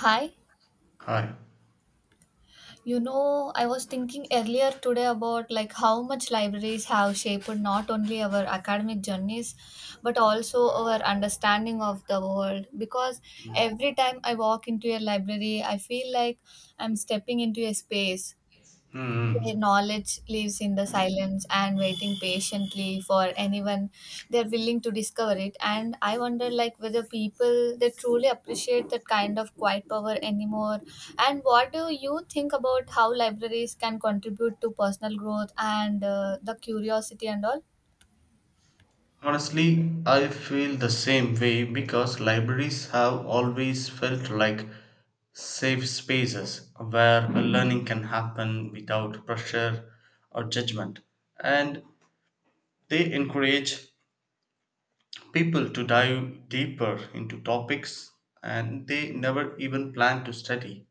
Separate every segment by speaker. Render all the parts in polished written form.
Speaker 1: Hi.
Speaker 2: Hi.
Speaker 1: You know, I was thinking earlier today about like how much libraries have shaped not only our academic journeys but also our understanding of the world because
Speaker 2: Hmm.
Speaker 1: every time I walk into a library, I feel like I'm stepping into a space their knowledge lives in the silence and waiting patiently for anyone they're willing to discover it. And I wonder, like, whether people they truly appreciate that kind of quiet power anymore. And what do you think about how libraries can contribute to personal growth and the curiosity and all?
Speaker 2: Honestly, I feel the same way because libraries have always felt like safe spaces where learning can happen without pressure or judgment. And they encourage people to dive deeper into topics and they never even plan to study.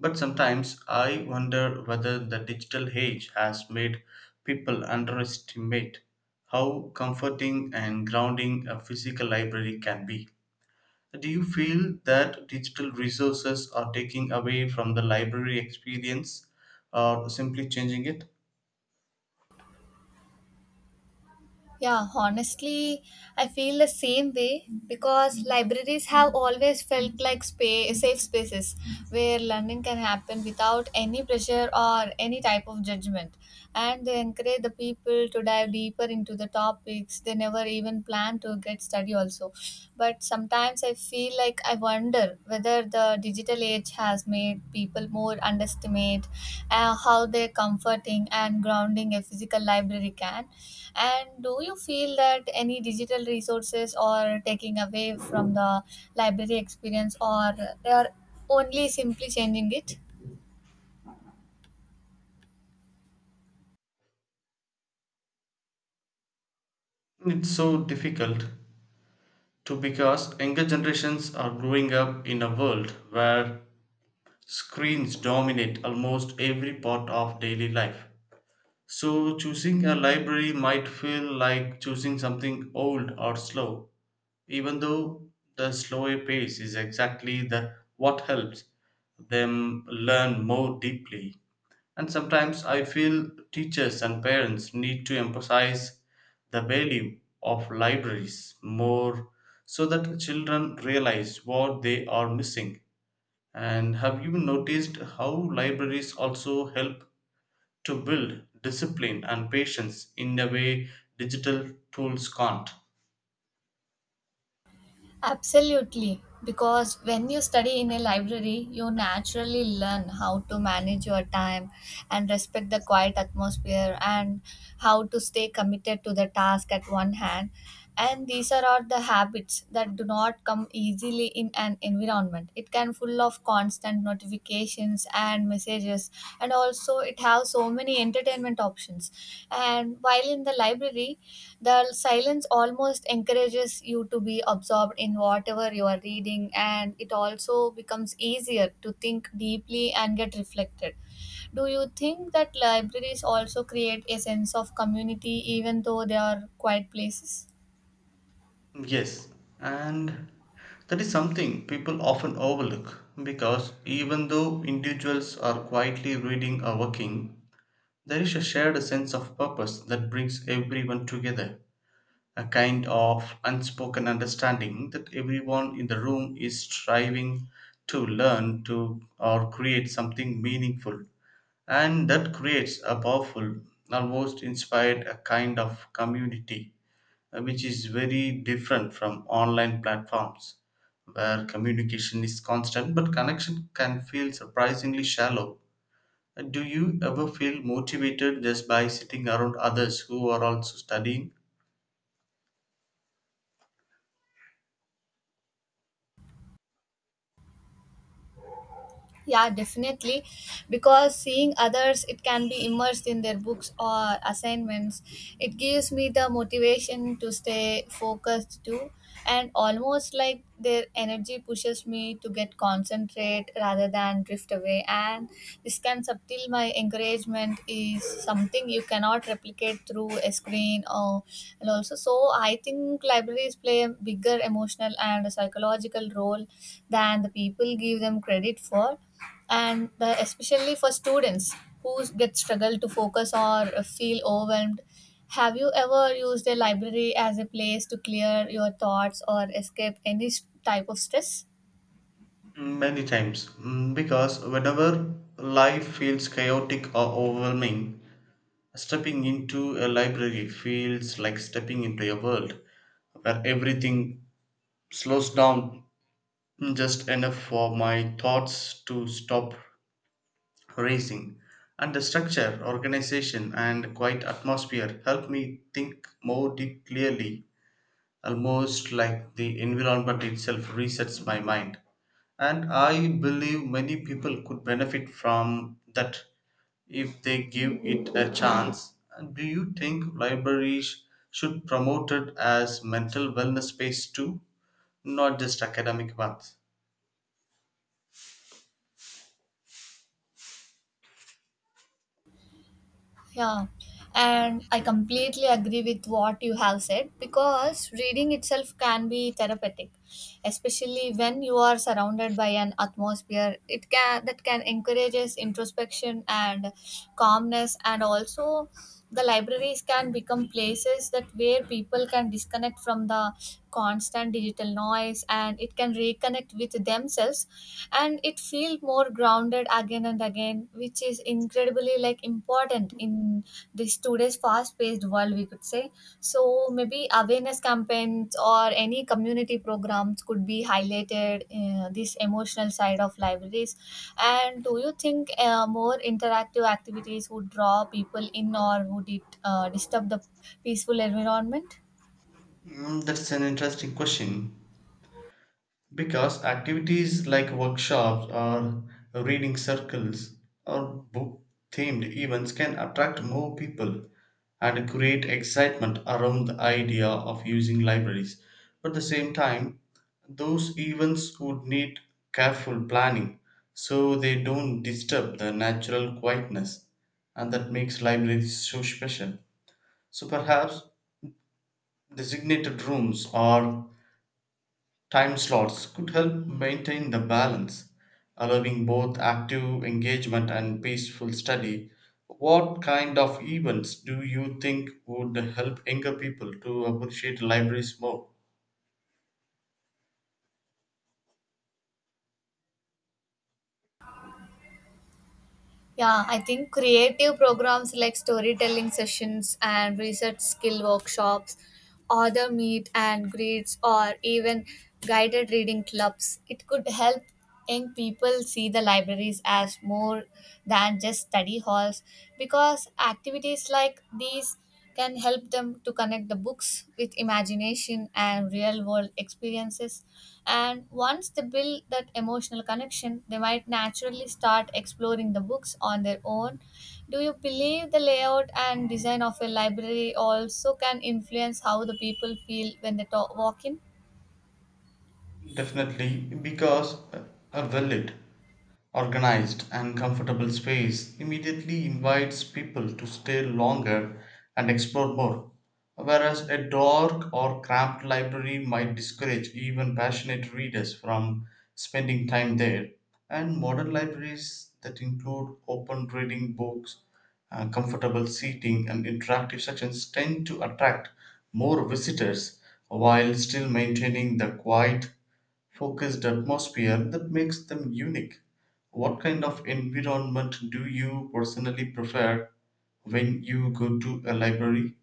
Speaker 2: But sometimes I wonder whether the digital age has made people underestimate how comforting and grounding a physical library can be. Do you feel that digital resources are taking away from the library experience or simply changing it?
Speaker 1: Yeah, honestly, I feel the same way because libraries have always felt like safe spaces where learning can happen without any pressure or any type of judgment. And they encourage the people to dive deeper into the topics they never even planned to get study also. But sometimes I feel like I wonder whether the digital age has made people more underestimate how their comforting and grounding a physical library can. And do you feel that any digital resources are taking away from the library experience or they are only simply changing it?
Speaker 2: It's so difficult to because younger generations are growing up in a world where screens dominate almost every part of daily life. So, choosing a library might feel like choosing something old or slow, even though the slower pace is exactly the what helps them learn more deeply. And sometimes I feel teachers and parents need to emphasize the value of libraries more so that children realize what they are missing, and have you noticed how libraries also help to build discipline and patience in a way digital tools can't?
Speaker 1: Absolutely, because when you study in a library, you naturally learn how to manage your time and respect the quiet atmosphere and how to stay committed to the task at one hand. And these are all the habits that do not come easily in an environment. It can full of constant notifications and messages, and also it has so many entertainment options. And while in the library, the silence almost encourages you to be absorbed in whatever you are reading, and it also becomes easier to think deeply and get reflected. Do you think that libraries also create a sense of community even though they are quiet places?
Speaker 2: Yes, and that is something people often overlook because even though individuals are quietly reading or working, there is a shared sense of purpose that brings everyone together, a kind of unspoken understanding that everyone in the room is striving to learn to or create something meaningful, and that creates a powerful almost inspired a kind of community, which is very different from online platforms where communication is constant but connection can feel surprisingly shallow. Do you ever feel motivated just by sitting around others who are also studying?
Speaker 1: Yeah, definitely, because seeing others it can be immersed in their books or assignments, it gives me the motivation to stay focused too, and almost like their energy pushes me to get concentrate rather than drift away. And this can subtle my encouragement is something you cannot replicate through screen and also so I think libraries play a bigger emotional and psychological role than the people give them credit for, and especially for students who get struggle to focus or feel overwhelmed. Have you ever used a library as a place to clear your thoughts or escape any type of stress?
Speaker 2: Many times. Mm, because whenever life feels chaotic or overwhelming, stepping into a library feels like stepping into a world where everything slows down just enough for my thoughts to stop racing. And the structure, organization, and quiet atmosphere help me think more deep clearly, almost like the environment itself resets my mind. And I believe many people could benefit from that if they give it a chance. And do you think libraries should promote it as mental wellness space too, not just academic ones?
Speaker 1: Yeah, and I completely agree with what you have said because reading itself can be therapeutic, especially when you are surrounded by an atmosphere it can that can encourages introspection and calmness. And also the libraries can become places that where people can disconnect from the constant digital noise and it can reconnect with themselves and it felt more grounded again and again, which is incredibly like important in this today's fast paced world we could say. So maybe awareness campaigns or any community programs could be highlighted this emotional side of libraries. And do you think more interactive activities would draw people in or would it disturb the peaceful environment?
Speaker 2: Mm, that's an interesting question. Because activities like workshops or reading circles or book themed events can attract more people and create excitement around the idea of using libraries. But at the same time, those events would need careful planning so they don't disturb the natural quietness and that makes libraries so special. So perhaps designated rooms or time slots could help maintain the balance, allowing both active engagement and peaceful study. What kind of events do you think would help younger people to appreciate libraries more?
Speaker 1: Yeah, I think creative programs like storytelling sessions and research skill workshops, author meet and greets, or even guided reading clubs. It could help young people see the libraries as more than just study halls because activities like these can help them to connect the books with imagination and real world experiences. And once they build that emotional connection, they might naturally start exploring the books on their own. Do you believe the layout and design of a library also can influence how the people feel when they walk in?
Speaker 2: Definitely, because a well lit, organized, and comfortable space immediately invites people to stay longer and explore more, whereas a dark or cramped library might discourage even passionate readers from spending time there. And modern libraries that include open reading books, comfortable seating, and interactive sections tend to attract more visitors while still maintaining the quiet focused atmosphere that makes them unique. What kind of environment do you personally prefer when you go to a library?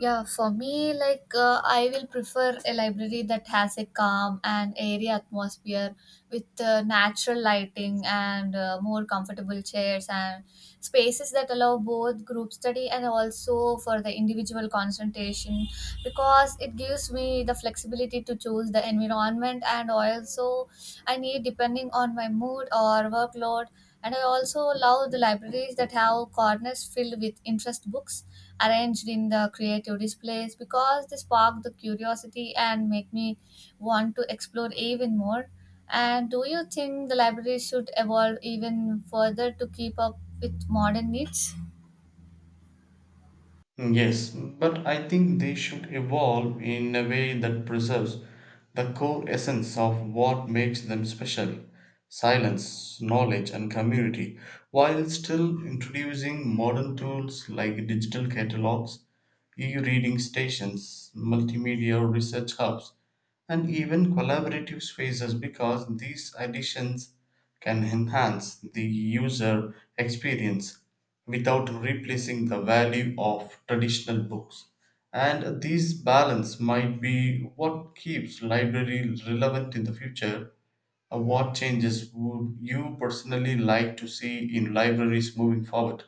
Speaker 1: Yeah, for me, like I will prefer a library that has a calm and airy atmosphere with natural lighting and more comfortable chairs and spaces that allow both group study and also for the individual concentration because it gives me the flexibility to choose the environment and also I need depending on my mood or workload. And I also love the libraries that have corners filled with interest books arranged in the creative displays because they spark the curiosity and make me want to explore even more. And do you think the library should evolve even further to keep up with modern needs?
Speaker 2: Yes, but I think they should evolve in a way that preserves the core essence of what makes them special: silence, knowledge, and community, while still introducing modern tools like digital catalogs, e reading stations, multimedia research hubs, and even collaborative spaces because these additions can enhance the user experience without replacing the value of traditional books. And this balance might be what keeps library relevant in the future. What changes would you personally like to see in libraries moving forward?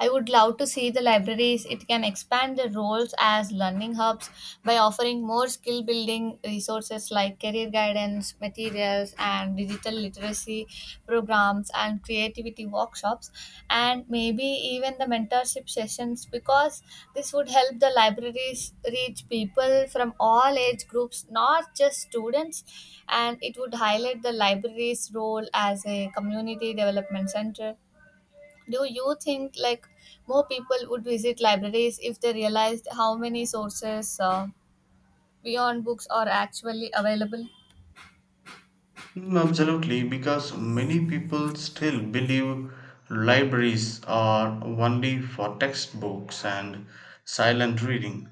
Speaker 1: I would love to see the libraries. It can expand their roles as learning hubs by offering more skill building resources like career guidance, materials, and digital literacy programs and creativity workshops, and maybe even the mentorship sessions because this would help the libraries reach people from all age groups, not just students, and it would highlight the library's role as a community development center. Do you think like more people would visit libraries if they realized how many sources beyond books are actually available?
Speaker 2: Mm, absolutely, because many people still believe libraries are only for textbooks and silent reading,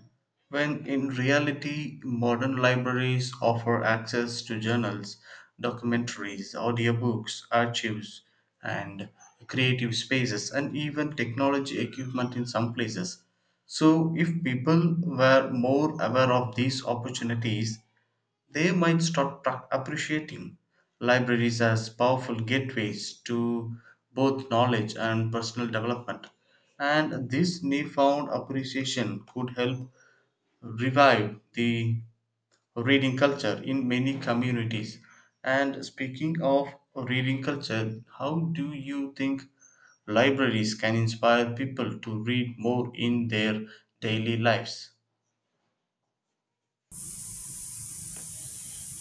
Speaker 2: when in reality, modern libraries offer access to journals, documentaries, audiobooks, archives, and creative spaces, and even technology equipment in some places. So, if people were more aware of these opportunities, they might stop appreciating libraries as powerful gateways to both knowledge and personal development. And this newfound appreciation could help revive the reading culture in many communities. And speaking of reading culture, how do you think libraries can inspire people to read more in their daily lives?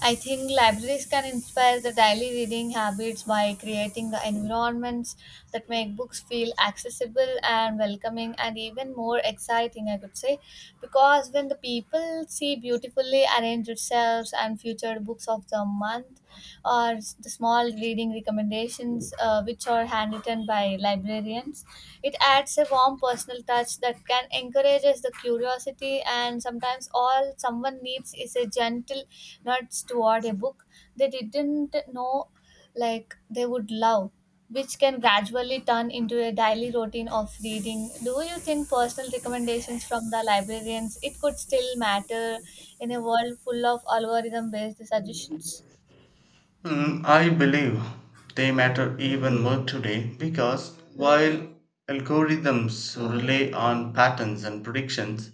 Speaker 1: I think libraries can inspire the daily reading habits by creating the environments that make books feel accessible and welcoming and even more exciting, I could say. Because when the people see beautifully arranged shelves and featured books of the month or the small reading recommendations which are handwritten by librarians, it adds a warm personal touch that can encourages the curiosity, and sometimes all someone needs is a gentle nudge toward a book they didn't know like they would love, which can gradually turn into a daily routine of reading. Do you think personal recommendations from the librarians it could still matter in a world full of algorithm based suggestions?
Speaker 2: Mm, I believe they matter even more today because while algorithms rely on patterns and predictions,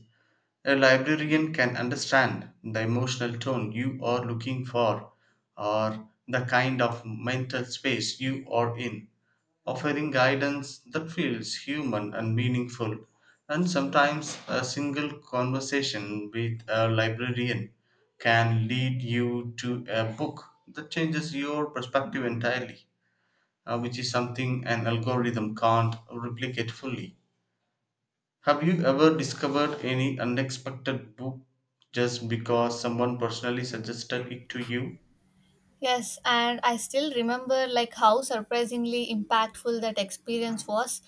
Speaker 2: a librarian can understand the emotional tone you are looking for or the kind of mental space you are in, offering guidance that feels human and meaningful. And sometimes a single conversation with a librarian can lead you to a book that changes your perspective entirely, which is something an algorithm can't replicate fully. Have you ever discovered any unexpected book just because someone personally suggested it to you?
Speaker 1: Yes, and I still remember like how surprisingly impactful that experience was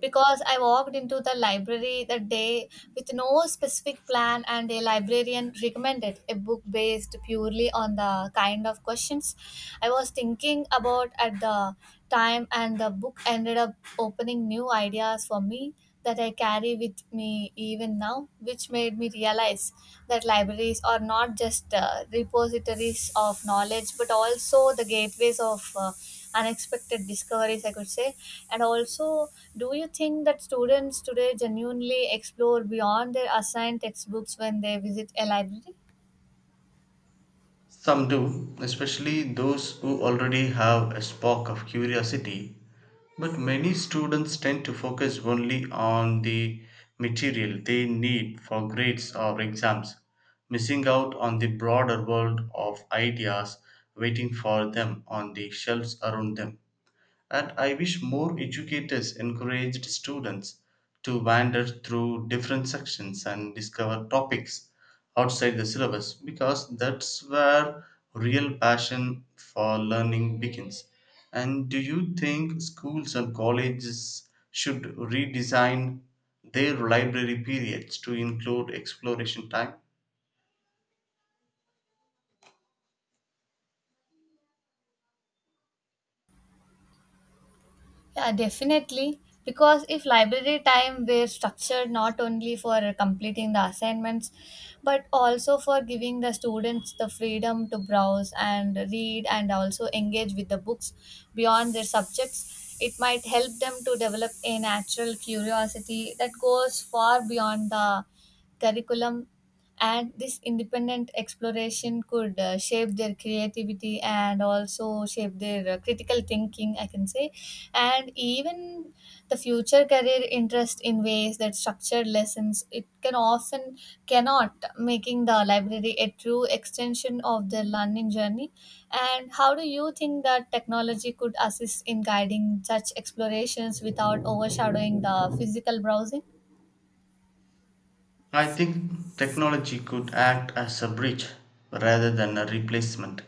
Speaker 1: because I walked into the library that day with no specific plan and a librarian recommended a book based purely on the kind of questions I was thinking about at the time, and the book ended up opening new ideas for me that I carry with me even now, which made me realize that libraries are not just repositories of knowledge but also the gateways of unexpected discoveries, I could say. And also, do you think that students today genuinely explore beyond their assigned textbooks when they visit a library?
Speaker 2: Some do, especially those who already have a spark of curiosity, but many students tend to focus only on the material they need for grades or exams, missing out on the broader world of ideas waiting for them on the shelves around them. And I wish more educators encouraged students to wander through different sections and discover topics outside the syllabus because that's where real passion for learning begins. And do you think schools and colleges should redesign their library periods to include exploration time?
Speaker 1: Yeah, definitely. Because if library time were structured not only for completing the assignments, but also for giving the students the freedom to browse and read and also engage with the books beyond their subjects, it might help them to develop a natural curiosity that goes far beyond the curriculum. And this independent exploration could shape their creativity and also shape their critical thinking, I can say, and even the future career interest in ways that structured lessons it can often cannot, making the library a true extension of their learning journey. And how do you think that technology could assist in guiding such explorations without overshadowing the physical browsing?
Speaker 2: I think technology could act as a bridge rather than a replacement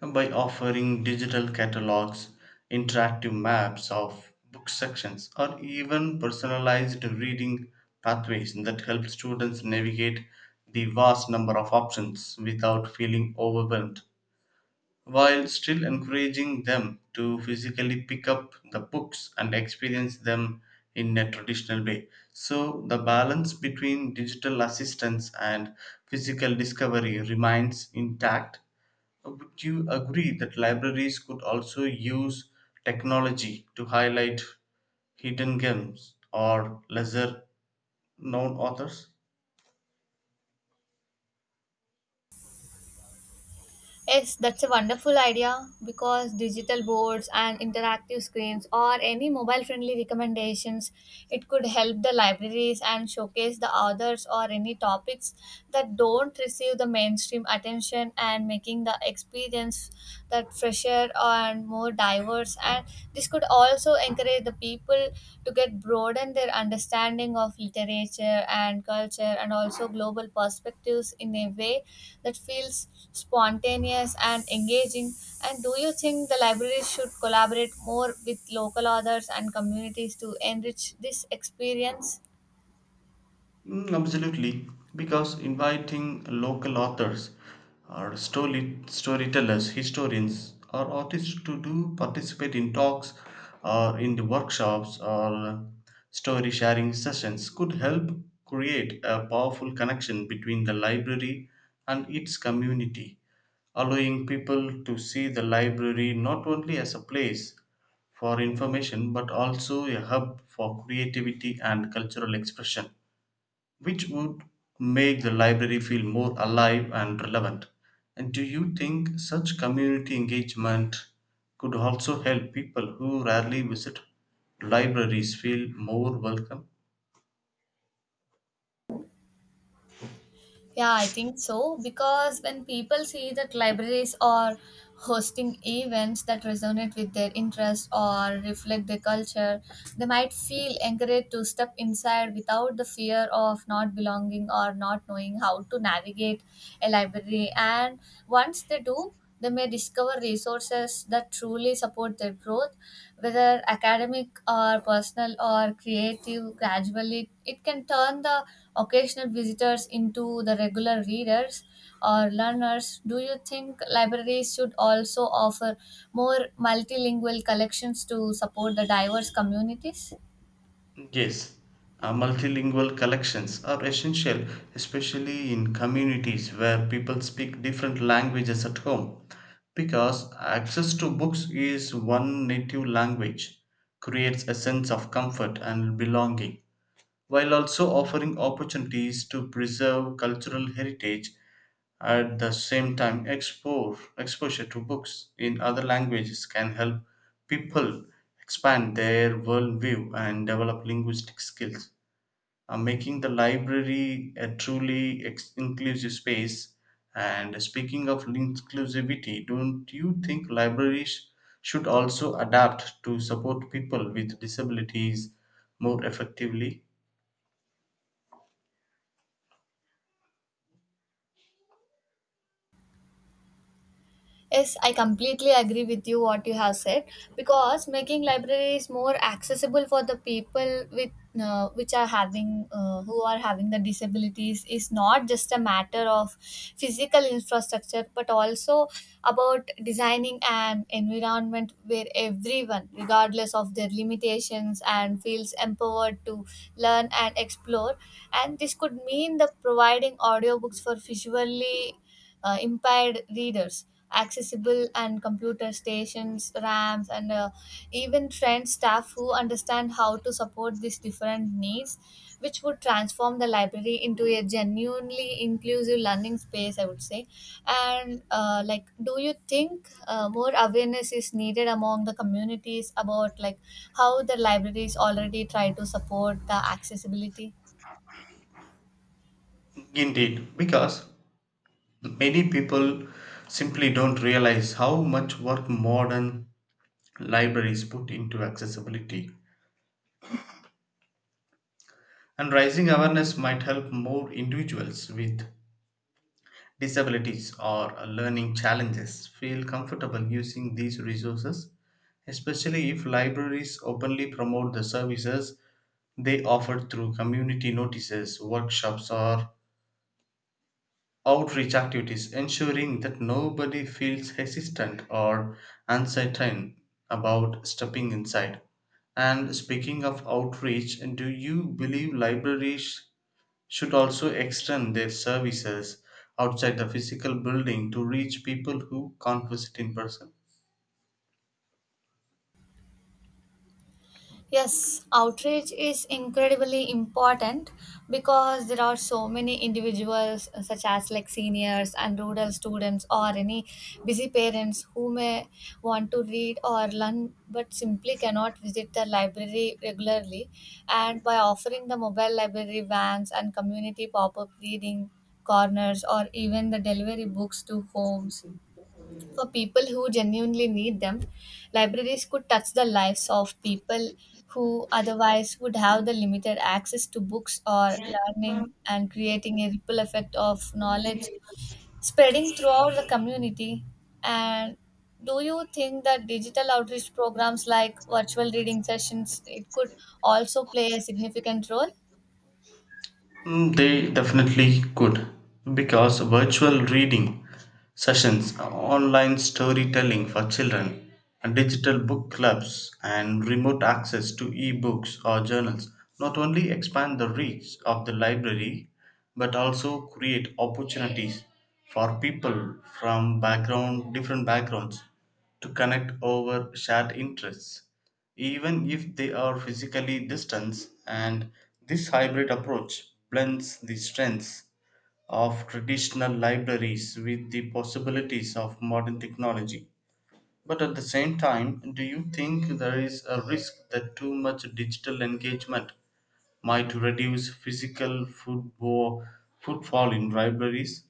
Speaker 2: by offering digital catalogs, interactive maps of book sections, or even personalized reading pathways that help students navigate the vast number of options without feeling overwhelmed while still encouraging them to physically pick up the books and experience them in a traditional way. So, the balance between digital assistance and physical discovery remains intact. Would you agree that libraries could also use technology to highlight hidden gems or lesser known authors?
Speaker 1: Yes, that's a wonderful idea because digital boards and interactive screens or any mobile friendly recommendations, it could help the libraries and showcase the authors or any topics that don't receive the mainstream attention and making the experience that fresher and more diverse, and this could also encourage the people to get broaden their understanding of literature and culture and also global perspectives in a way that feels spontaneous and engaging. And do you think the libraries should collaborate more with local authors and communities to enrich this experience?
Speaker 2: Mm, absolutely, because inviting local authors or storytellers, historians, or artists to do participate in talks or in the workshops or story sharing sessions could help create a powerful connection between the library and its community, allowing people to see the library not only as a place for information but also a hub for creativity and cultural expression, which would make the library feel more alive and relevant. And do you think such community engagement could also help people who rarely visit libraries feel more welcome?
Speaker 1: Yeah, I think so because when people see that libraries are hosting events that resonate with their interests or reflect their culture, they might feel encouraged to step inside without the fear of not belonging or not knowing how to navigate a library. And once they do, they may discover resources that truly support their growth, whether academic or personal or creative. Gradually, it can turn the occasional visitors into the regular readers or learners. Do you think libraries should also offer more multilingual collections to support the diverse communities?
Speaker 2: Yes, multilingual collections are essential, especially in communities where people speak different languages at home, because access to books is one native language creates a sense of comfort and belonging, while also offering opportunities to preserve cultural heritage. At the same time exposure to books in other languages can help people expand their worldview and develop linguistic skills, making the library a truly inclusive space. And speaking of inclusivity, don't you think libraries should also adapt to support people with disabilities more effectively?
Speaker 1: Yes, I completely agree with you what you have said because making libraries more accessible for the people with which are having who are having the disabilities is not just a matter of physical infrastructure but also about designing an environment where everyone regardless of their limitations and feels empowered to learn and explore, and this could mean the providing audiobooks for visually impaired readers, accessible and computer stations, RAMs, and even trained staff who understand how to support these different needs, which would transform the library into a genuinely inclusive learning space, I would say. And like, do you think more awareness is needed among the communities about like how the libraries already try to support the accessibility?
Speaker 2: Indeed, because many people simply don't realize how much work modern libraries put into accessibility. And raising awareness might help more individuals with disabilities or learning challenges feel comfortable using these resources, especially if libraries openly promote the services they offer through community notices, workshops, or outreach activities, ensuring that nobody feels hesitant or uncertain about stepping inside. And speaking of outreach, do you believe libraries should also extend their services outside the physical building to reach people who can't visit in person?
Speaker 1: Yes, outreach is incredibly important because there are so many individuals, such as like seniors and rural students, or any busy parents who may want to read or learn but simply cannot visit the library regularly. And by offering the mobile library vans and community pop up reading corners, or even the delivery books to homes, for people who genuinely need them, libraries could touch the lives of people who otherwise would have the limited access to books or learning and creating a ripple effect of knowledge spreading throughout the community. And do you think that digital outreach programs like virtual reading sessions it could also play a significant role?
Speaker 2: Mm, they definitely could because virtual reading sessions, online storytelling for children, and digital book clubs, and remote access to e-books or journals not only expand the reach of the library but also create opportunities for people from background different backgrounds to connect over shared interests even if they are physically distant. And this hybrid approach blends the strengths of traditional libraries with the possibilities of modern technology, but at the same time, do you think there is a risk that too much digital engagement might reduce physical football footfall in libraries?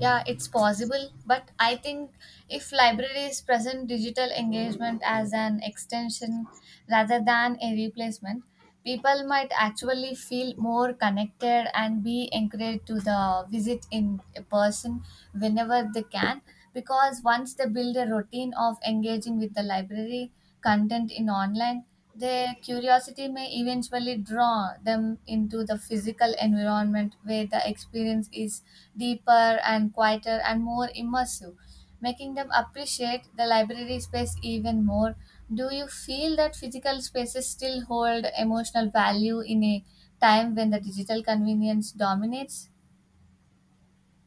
Speaker 1: Yeah, it's possible, but I think if libraries present digital engagement as an extension rather than a replacement, people might actually feel more connected and be encouraged to the visit in a person whenever they can because once they build a routine of engaging with the library content in online their curiosity may eventually draw them into the physical environment where the experience is deeper and quieter and more immersive, making them appreciate the library space even more. Do you feel that physical spaces still hold emotional value in a time when the digital convenience dominates?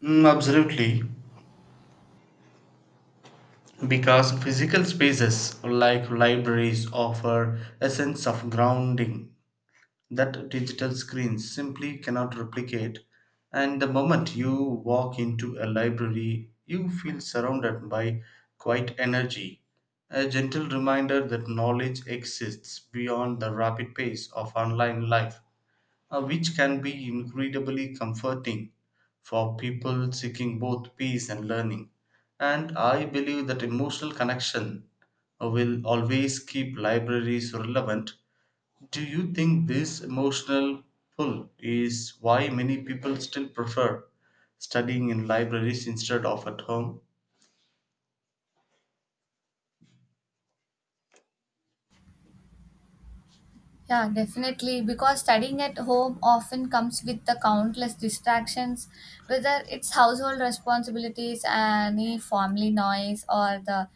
Speaker 2: Mm, absolutely, because physical spaces like libraries offer a sense of grounding that digital screens simply cannot replicate. And the moment you walk into a library, you feel surrounded by quiet energy, a gentle reminder that knowledge exists beyond the rapid pace of online life, which can be incredibly comforting for people seeking both peace and learning. And I believe that emotional connection will always keep libraries relevant. Do you think this emotional pull is why many people still prefer studying in libraries instead of at home?
Speaker 1: Yeah, definitely. Because studying at home often comes with the countless distractions, whether it's household responsibilities, any family noise, or the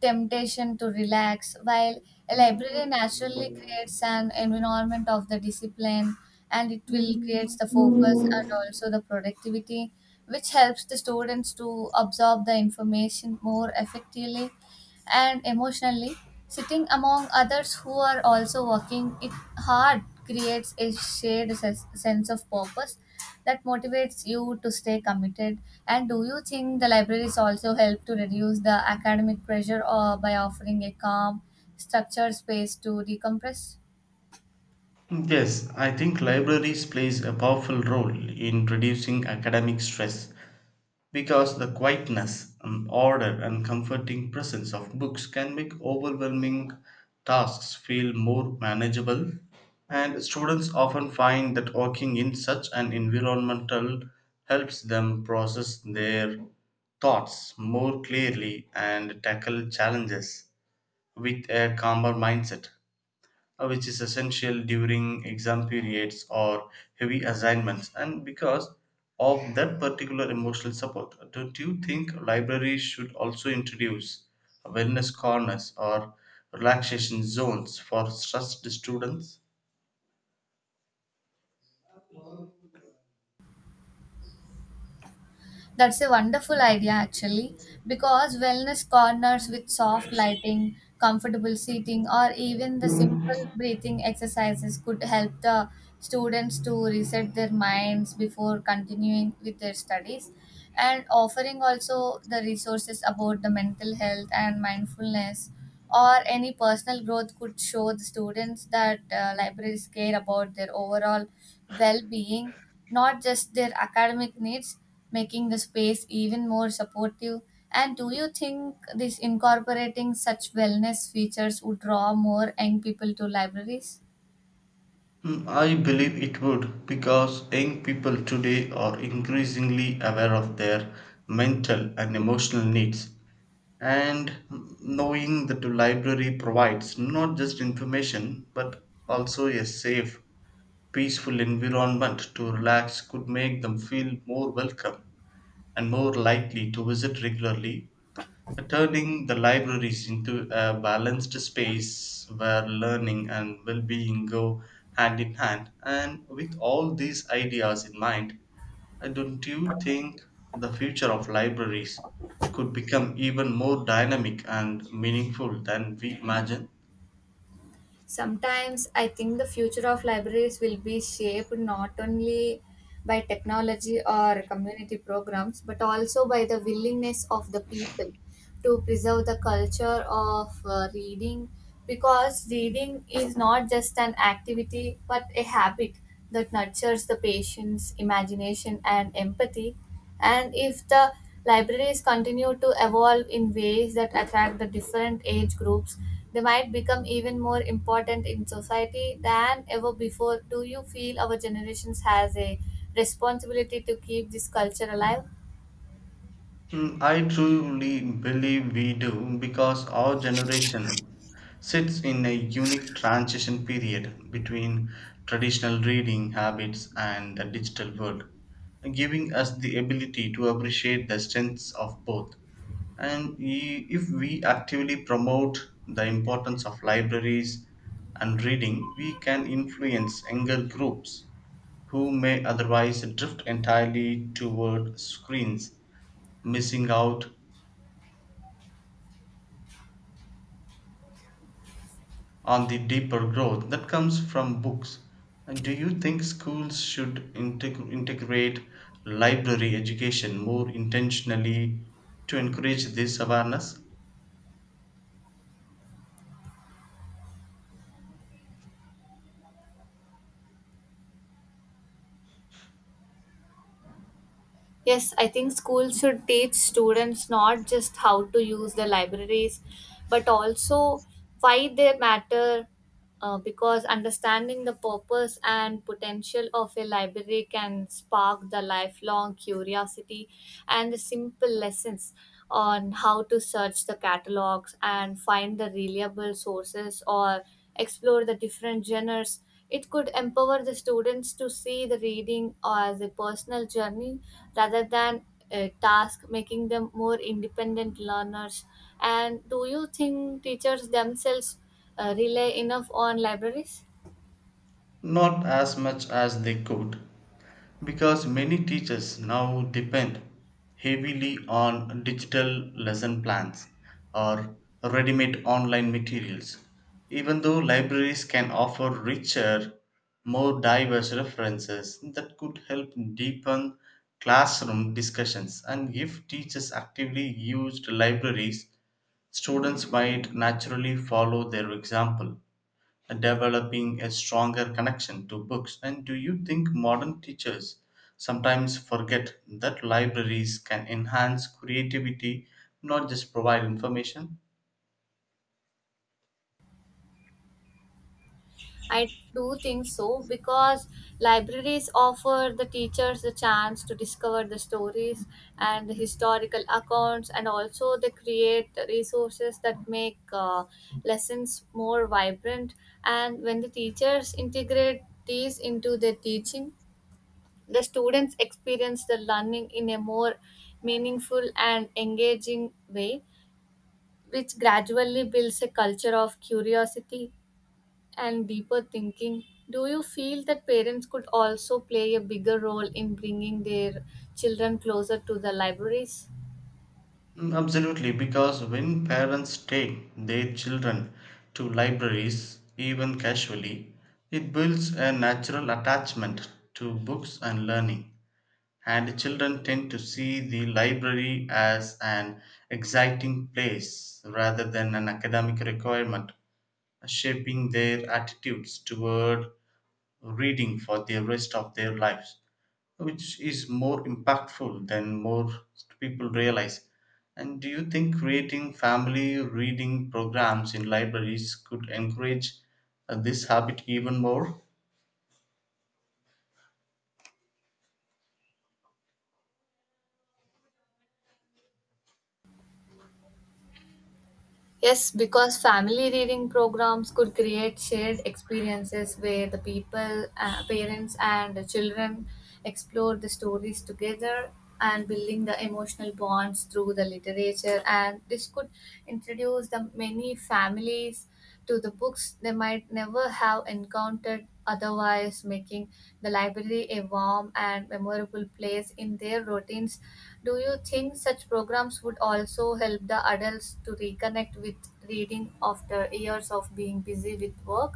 Speaker 1: temptation to relax. While a library naturally creates an environment of the discipline and it will create the focus and also the productivity, which helps the students to absorb the information more effectively and emotionally sitting among others who are also working it hard creates a shared sense of purpose that motivates you to stay committed. And do you think the libraries also help to reduce the academic pressure or by offering a calm structured space to decompress?
Speaker 2: Yes, I think libraries plays a powerful role in reducing academic stress. Because the quietness, order, and comforting presence of books can make overwhelming tasks feel more manageable, and students often find that working in such an environmental helps them process their thoughts more clearly and tackle challenges with a calmer mindset, which is essential during exam periods or heavy assignments. And because of that particular emotional support, don't you think libraries should also introduce wellness corners or relaxation zones for stressed students?
Speaker 1: That's a wonderful idea, actually, because wellness corners with soft lighting, comfortable seating, or even the simple breathing exercises could help the students to reset their minds before continuing with their studies. And offering also the resources about the mental health and mindfulness or any personal growth could show the students that libraries care about their overall well-being, not just their academic needs, making the space even more supportive. And do you think this incorporating such wellness features would draw more young people to libraries?
Speaker 2: Hmm, I believe it would, because young people today are increasingly aware of their mental and emotional needs, and knowing that the library provides not just information but also a safe, peaceful environment to relax could make them feel more welcome and more likely to visit regularly, turning the libraries into a balanced space where learning and well-being go hand in hand. And with all these ideas in mind, don't you think the future of libraries could become even more dynamic and meaningful than we imagine?
Speaker 1: Sometimes I think the future of libraries will be shaped not only by technology or community programs, but also by the willingness of the people to preserve the culture of reading, because reading is not just an activity but a habit that nurtures the patience, imagination, and empathy. And if the libraries continue to evolve in ways that attract the different age groups, they might become even more important in society than ever before. Do you feel our generations has a responsibility to keep this culture alive?
Speaker 2: Mm, I truly believe we do, because our generation sits in a unique transition period between traditional reading habits and the digital world, giving us the ability to appreciate the strengths of both. And if we actively promote the importance of libraries and reading, we can influence younger groups who may otherwise drift entirely toward screens, missing out on the deeper growth that comes from books. And do you think schools should integrate library education more intentionally to encourage this awareness?
Speaker 1: Yes, I think schools should teach students not just how to use the libraries, but also why they matter, because understanding the purpose and potential of a library can spark the lifelong curiosity. And the simple lessons on how to search the catalogs and find the reliable sources or explore the different genres, it could empower the students to see the reading as a personal journey rather than a task, making them more independent learners. And do you think teachers themselves rely enough on libraries?
Speaker 2: Not as much as they could, because many teachers now depend heavily on digital lesson plans or ready made online materials, even though libraries can offer richer, more diverse references that could help deepen classroom discussions. And if teachers actively used libraries, students might naturally follow their example, developing a stronger connection to books. And do you think modern teachers sometimes forget that libraries can enhance creativity, not just provide information?
Speaker 1: I do think so because libraries offer the teachers the chance to discover the stories and the historical accounts, and also they create resources that make lessons more vibrant. And when the teachers integrate these into their teaching, the students experience the learning in a more meaningful and engaging way, which gradually builds a culture of curiosity and deeper thinking. Do you feel that parents could also play a bigger role in bringing their children closer to the libraries?
Speaker 2: Mm, absolutely, because when parents take their children to libraries, even casually, it builds a natural attachment to books and learning. And children tend to see the library as an exciting place rather than an academic requirement, shaping their attitudes toward reading for the rest of their lives, which is more impactful than most people realize. And do you think creating family reading programs in libraries could encourage, this habit even more?
Speaker 1: Yes, because family reading programs could create shared experiences where the people, parents, and the children explore the stories together and building the emotional bonds through the literature. And this could introduce the many families to the books they might never have encountered otherwise, making the library a warm and memorable place in their routines. Do you think such programs would also help the adults to reconnect with reading after years of being busy with work?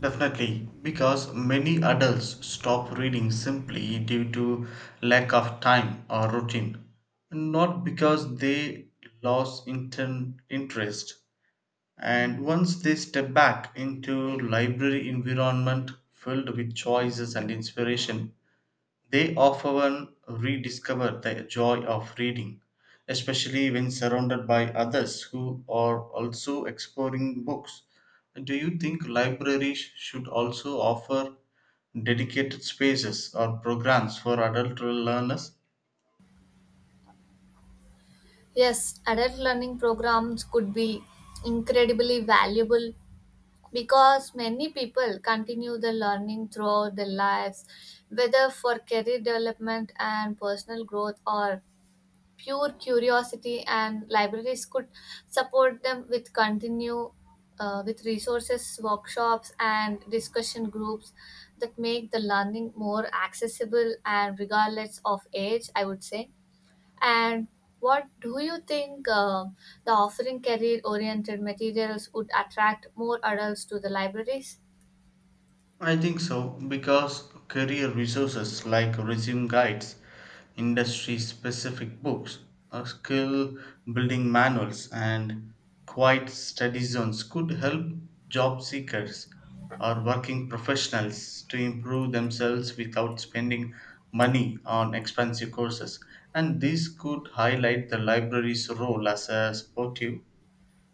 Speaker 2: Definitely, because many adults stop reading simply due to lack of time or routine, not because they lost interest. And once they step back into library environment filled with choices and inspiration, they often rediscover the joy of reading, especially when surrounded by others who are also exploring books. Do you think libraries should also offer dedicated spaces or programs for adult learners?
Speaker 1: Yes, adult learning programs could be incredibly valuable because many people continue the learning throughout their lives, whether for career development and personal growth or pure curiosity, and libraries could support them with continue with resources workshops and discussion groups that make the learning more accessible and regardless of age I would say. And what do you think, the offering career oriented materials would attract more adults to the libraries?
Speaker 2: I think so, because career resources like resume guides, industry specific books, skill building manuals, and quiet study zones could help job seekers or working professionals to improve themselves without spending money on expensive courses. And this could highlight the library's role as a supportive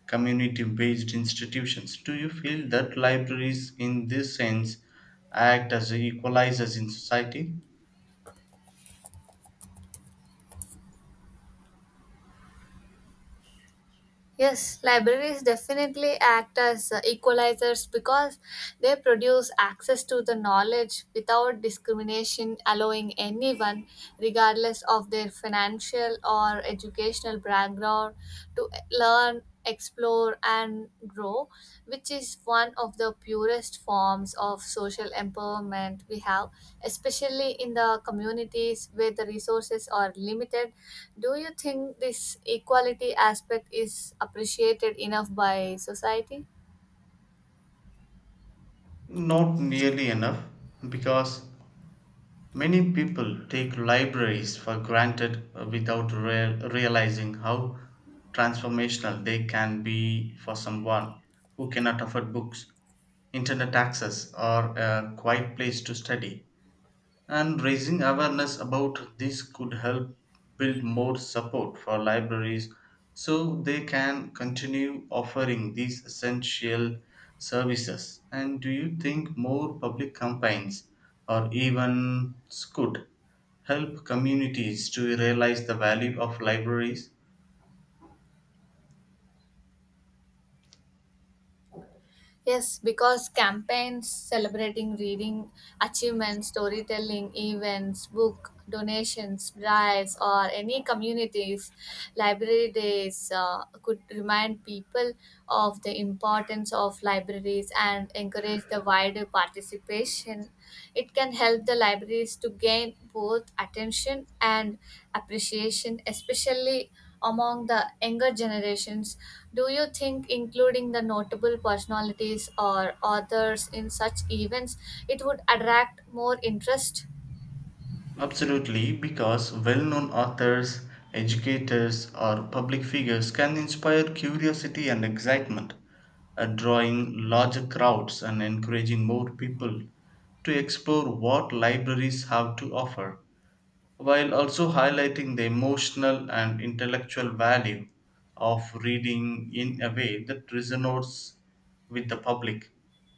Speaker 2: community based institutions. Do you feel that libraries, in this sense, act as equalizers in society?
Speaker 1: Yes, libraries definitely act as equalizers because they produce access to the knowledge without discrimination, allowing anyone, regardless of their financial or educational background, to learn, explore, and grow, which is one of the purest forms of social empowerment we have, especially in the communities where the resources are limited. Do you think this equality aspect is appreciated enough by society?
Speaker 2: Not nearly enough, because many people take libraries for granted, without realizing how transformational they can be for someone who cannot afford books, internet access, or a quiet place to study. And raising awareness about this could help build more support for libraries, so they can continue offering these essential services. And do you think more public campaigns or events could help communities to realize the value of libraries?
Speaker 1: Yes, because campaigns celebrating reading, achievements, storytelling, events, book donations, drives, or any communities, library days could remind people of the importance of libraries and encourage the wider participation. It can help the libraries to gain both attention and appreciation, especially among the younger generations. Do you think including the notable personalities or authors in such events it would attract more interest?
Speaker 2: Absolutely, because well known authors, educators, or public figures can inspire curiosity and excitement, drawing larger crowds and encouraging more people to explore what libraries have to offer, while also highlighting the emotional and intellectual value of reading in a way that resonates with the public.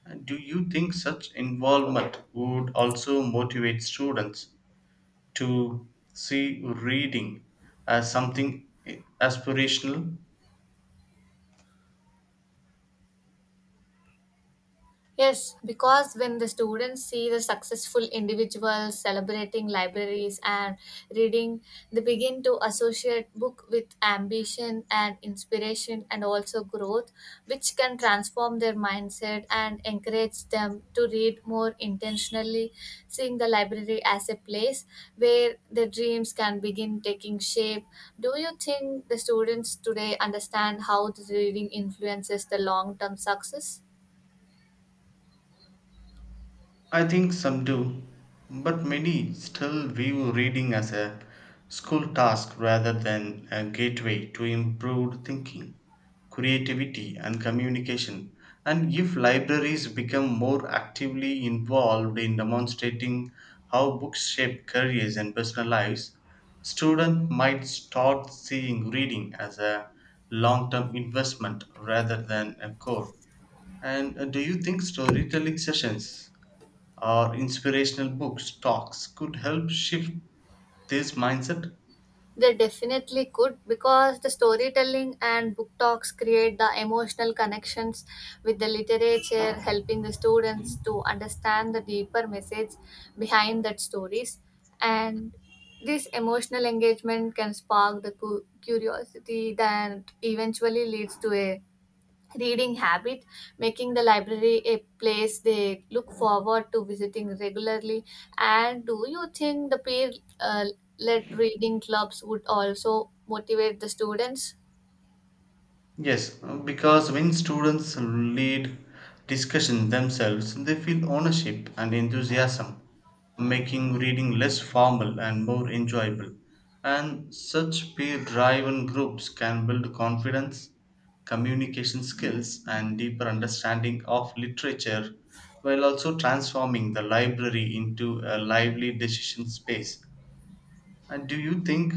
Speaker 2: And do you think such involvement would also motivate students to see reading as something aspirational?
Speaker 1: Yes, because when the students see the successful individuals celebrating libraries and reading, they begin to associate book with ambition and inspiration and also growth, which can transform their mindset and encourage them to read more intentionally, seeing the library as a place where their dreams can begin taking shape. Do you think the students today understand how the reading influences the long term success?
Speaker 2: I think some do, but many still view reading as a school task rather than a gateway to improved thinking, creativity, and communication. And if libraries become more actively involved in demonstrating how books shape careers and personal lives, students might start seeing reading as a long term investment rather than a chore. And do you think storytelling sessions or inspirational books, talks could help shift this mindset?
Speaker 1: They definitely could because the storytelling and book talks create the emotional connections with the literature, helping the students to understand the deeper message behind that stories. And this emotional engagement can spark the curiosity that eventually leads to a reading habit, making the library a place they look forward to visiting regularly. And do you think the peer uh, led reading clubs would also motivate the students?
Speaker 2: Yes, because when students lead discussions themselves, they feel ownership and enthusiasm, making reading less formal and more enjoyable. And such peer driven groups can build confidence, communication skills, and deeper understanding of literature, while also transforming the library into a lively decision space. And do you think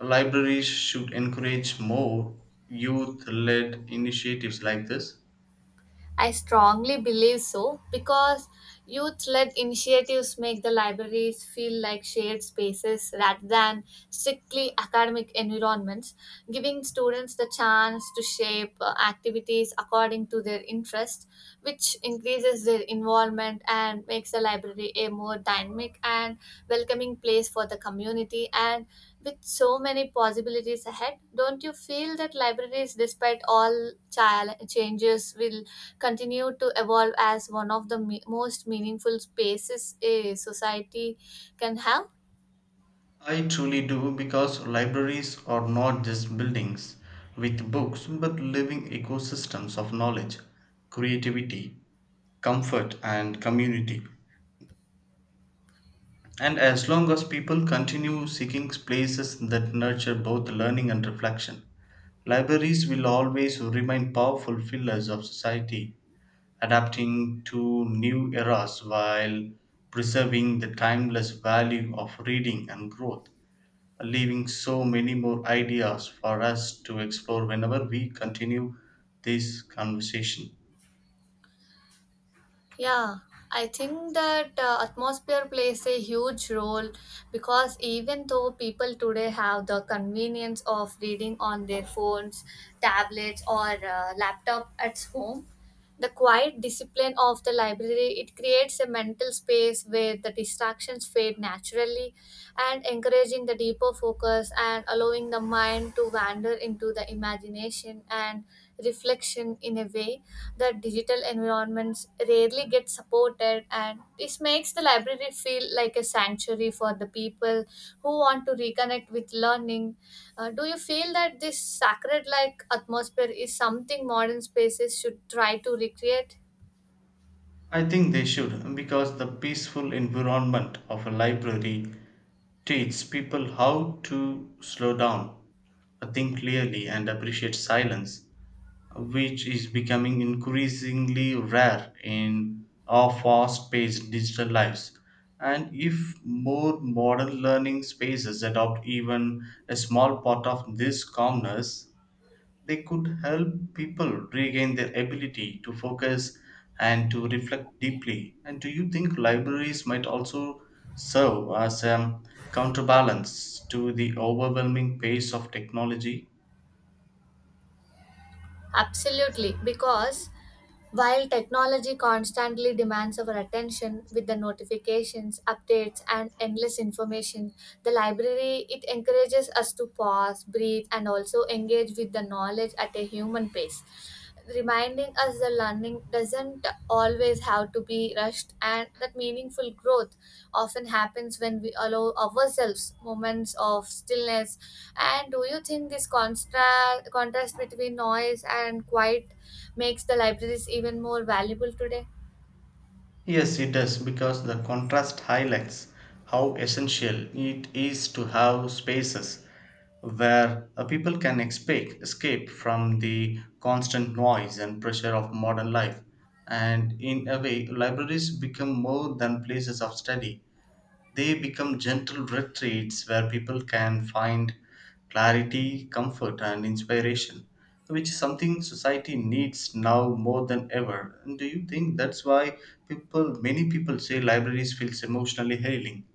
Speaker 2: libraries should encourage more youth led initiatives like this?
Speaker 1: I strongly believe so because youth led initiatives make the libraries feel like shared spaces rather than strictly academic environments, giving students the chance to shape activities according to their interests, which increases their involvement and makes the library a more dynamic and welcoming place for the community. And with so many possibilities ahead, don't you feel that libraries, despite all changes, will continue to evolve as one of the most meaningful spaces a society can have?
Speaker 2: I truly do, because libraries are not just buildings with books but living ecosystems of knowledge, creativity, comfort, and community. And as long as people continue seeking places that nurture both learning and reflection, libraries will always remain powerful pillars of society, adapting to new eras while preserving the timeless value of reading and growth, leaving so many more ideas for us to explore whenever we continue this conversation.
Speaker 1: Yeah, I think that atmosphere plays a huge role because even though people today have the convenience of reading on their phones, tablets, or laptop at home, the quiet discipline of the library it creates a mental space where the distractions fade naturally and encouraging the deeper focus and allowing the mind to wander into the imagination and reflection in a way that digital environments rarely get supported, and this makes the library feel like a sanctuary for the people who want to reconnect with learning. Do you feel that this sacred like atmosphere is something modern spaces should try to recreate?
Speaker 2: I think they should, because the peaceful environment of a library teaches people how to slow down, think clearly, and appreciate silence, which is becoming increasingly rare in our fast paced digital lives. And if more modern learning spaces adopt even a small part of this calmness, they could help people regain their ability to focus and to reflect deeply. And do you think libraries might also serve as a counterbalance to the overwhelming pace of technology?
Speaker 1: Absolutely, because while technology constantly demands our attention with the notifications, updates, and endless information, the library it encourages us to pause, breathe, and also engage with the knowledge at a human pace, reminding us that learning doesn't always have to be rushed and that meaningful growth often happens when we allow ourselves moments of stillness. And do you think this contrast between noise and quiet makes the libraries even more valuable today?
Speaker 2: Yes, it does, because the contrast highlights how essential it is to have spaces where, people can escape from the constant noise and pressure of modern life. And in a way, libraries become more than places of study, they become gentle retreats where people can find clarity, comfort, and inspiration, which is something society needs now more than ever. And do you think that's why many people say libraries feels emotionally healing?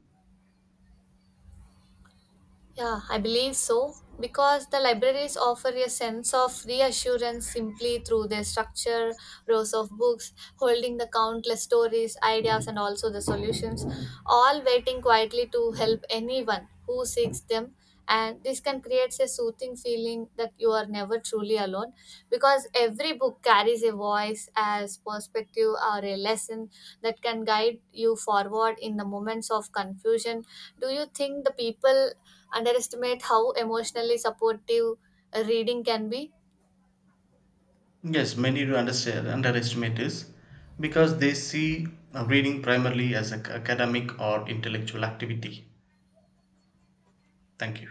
Speaker 1: Yeah, I believe so because the libraries offer a sense of reassurance simply through their structure, rows of books holding the countless stories, ideas, and also the solutions, all waiting quietly to help anyone who seeks them. And this can create a soothing feeling that you are never truly alone because every book carries a voice as perspective or a lesson that can guide you forward in the moments of confusion. Do you think the people underestimate how emotionally supportive reading can be?
Speaker 2: Yes, many underestimate this, because they see, reading primarily as an academic or intellectual activity. Thank you.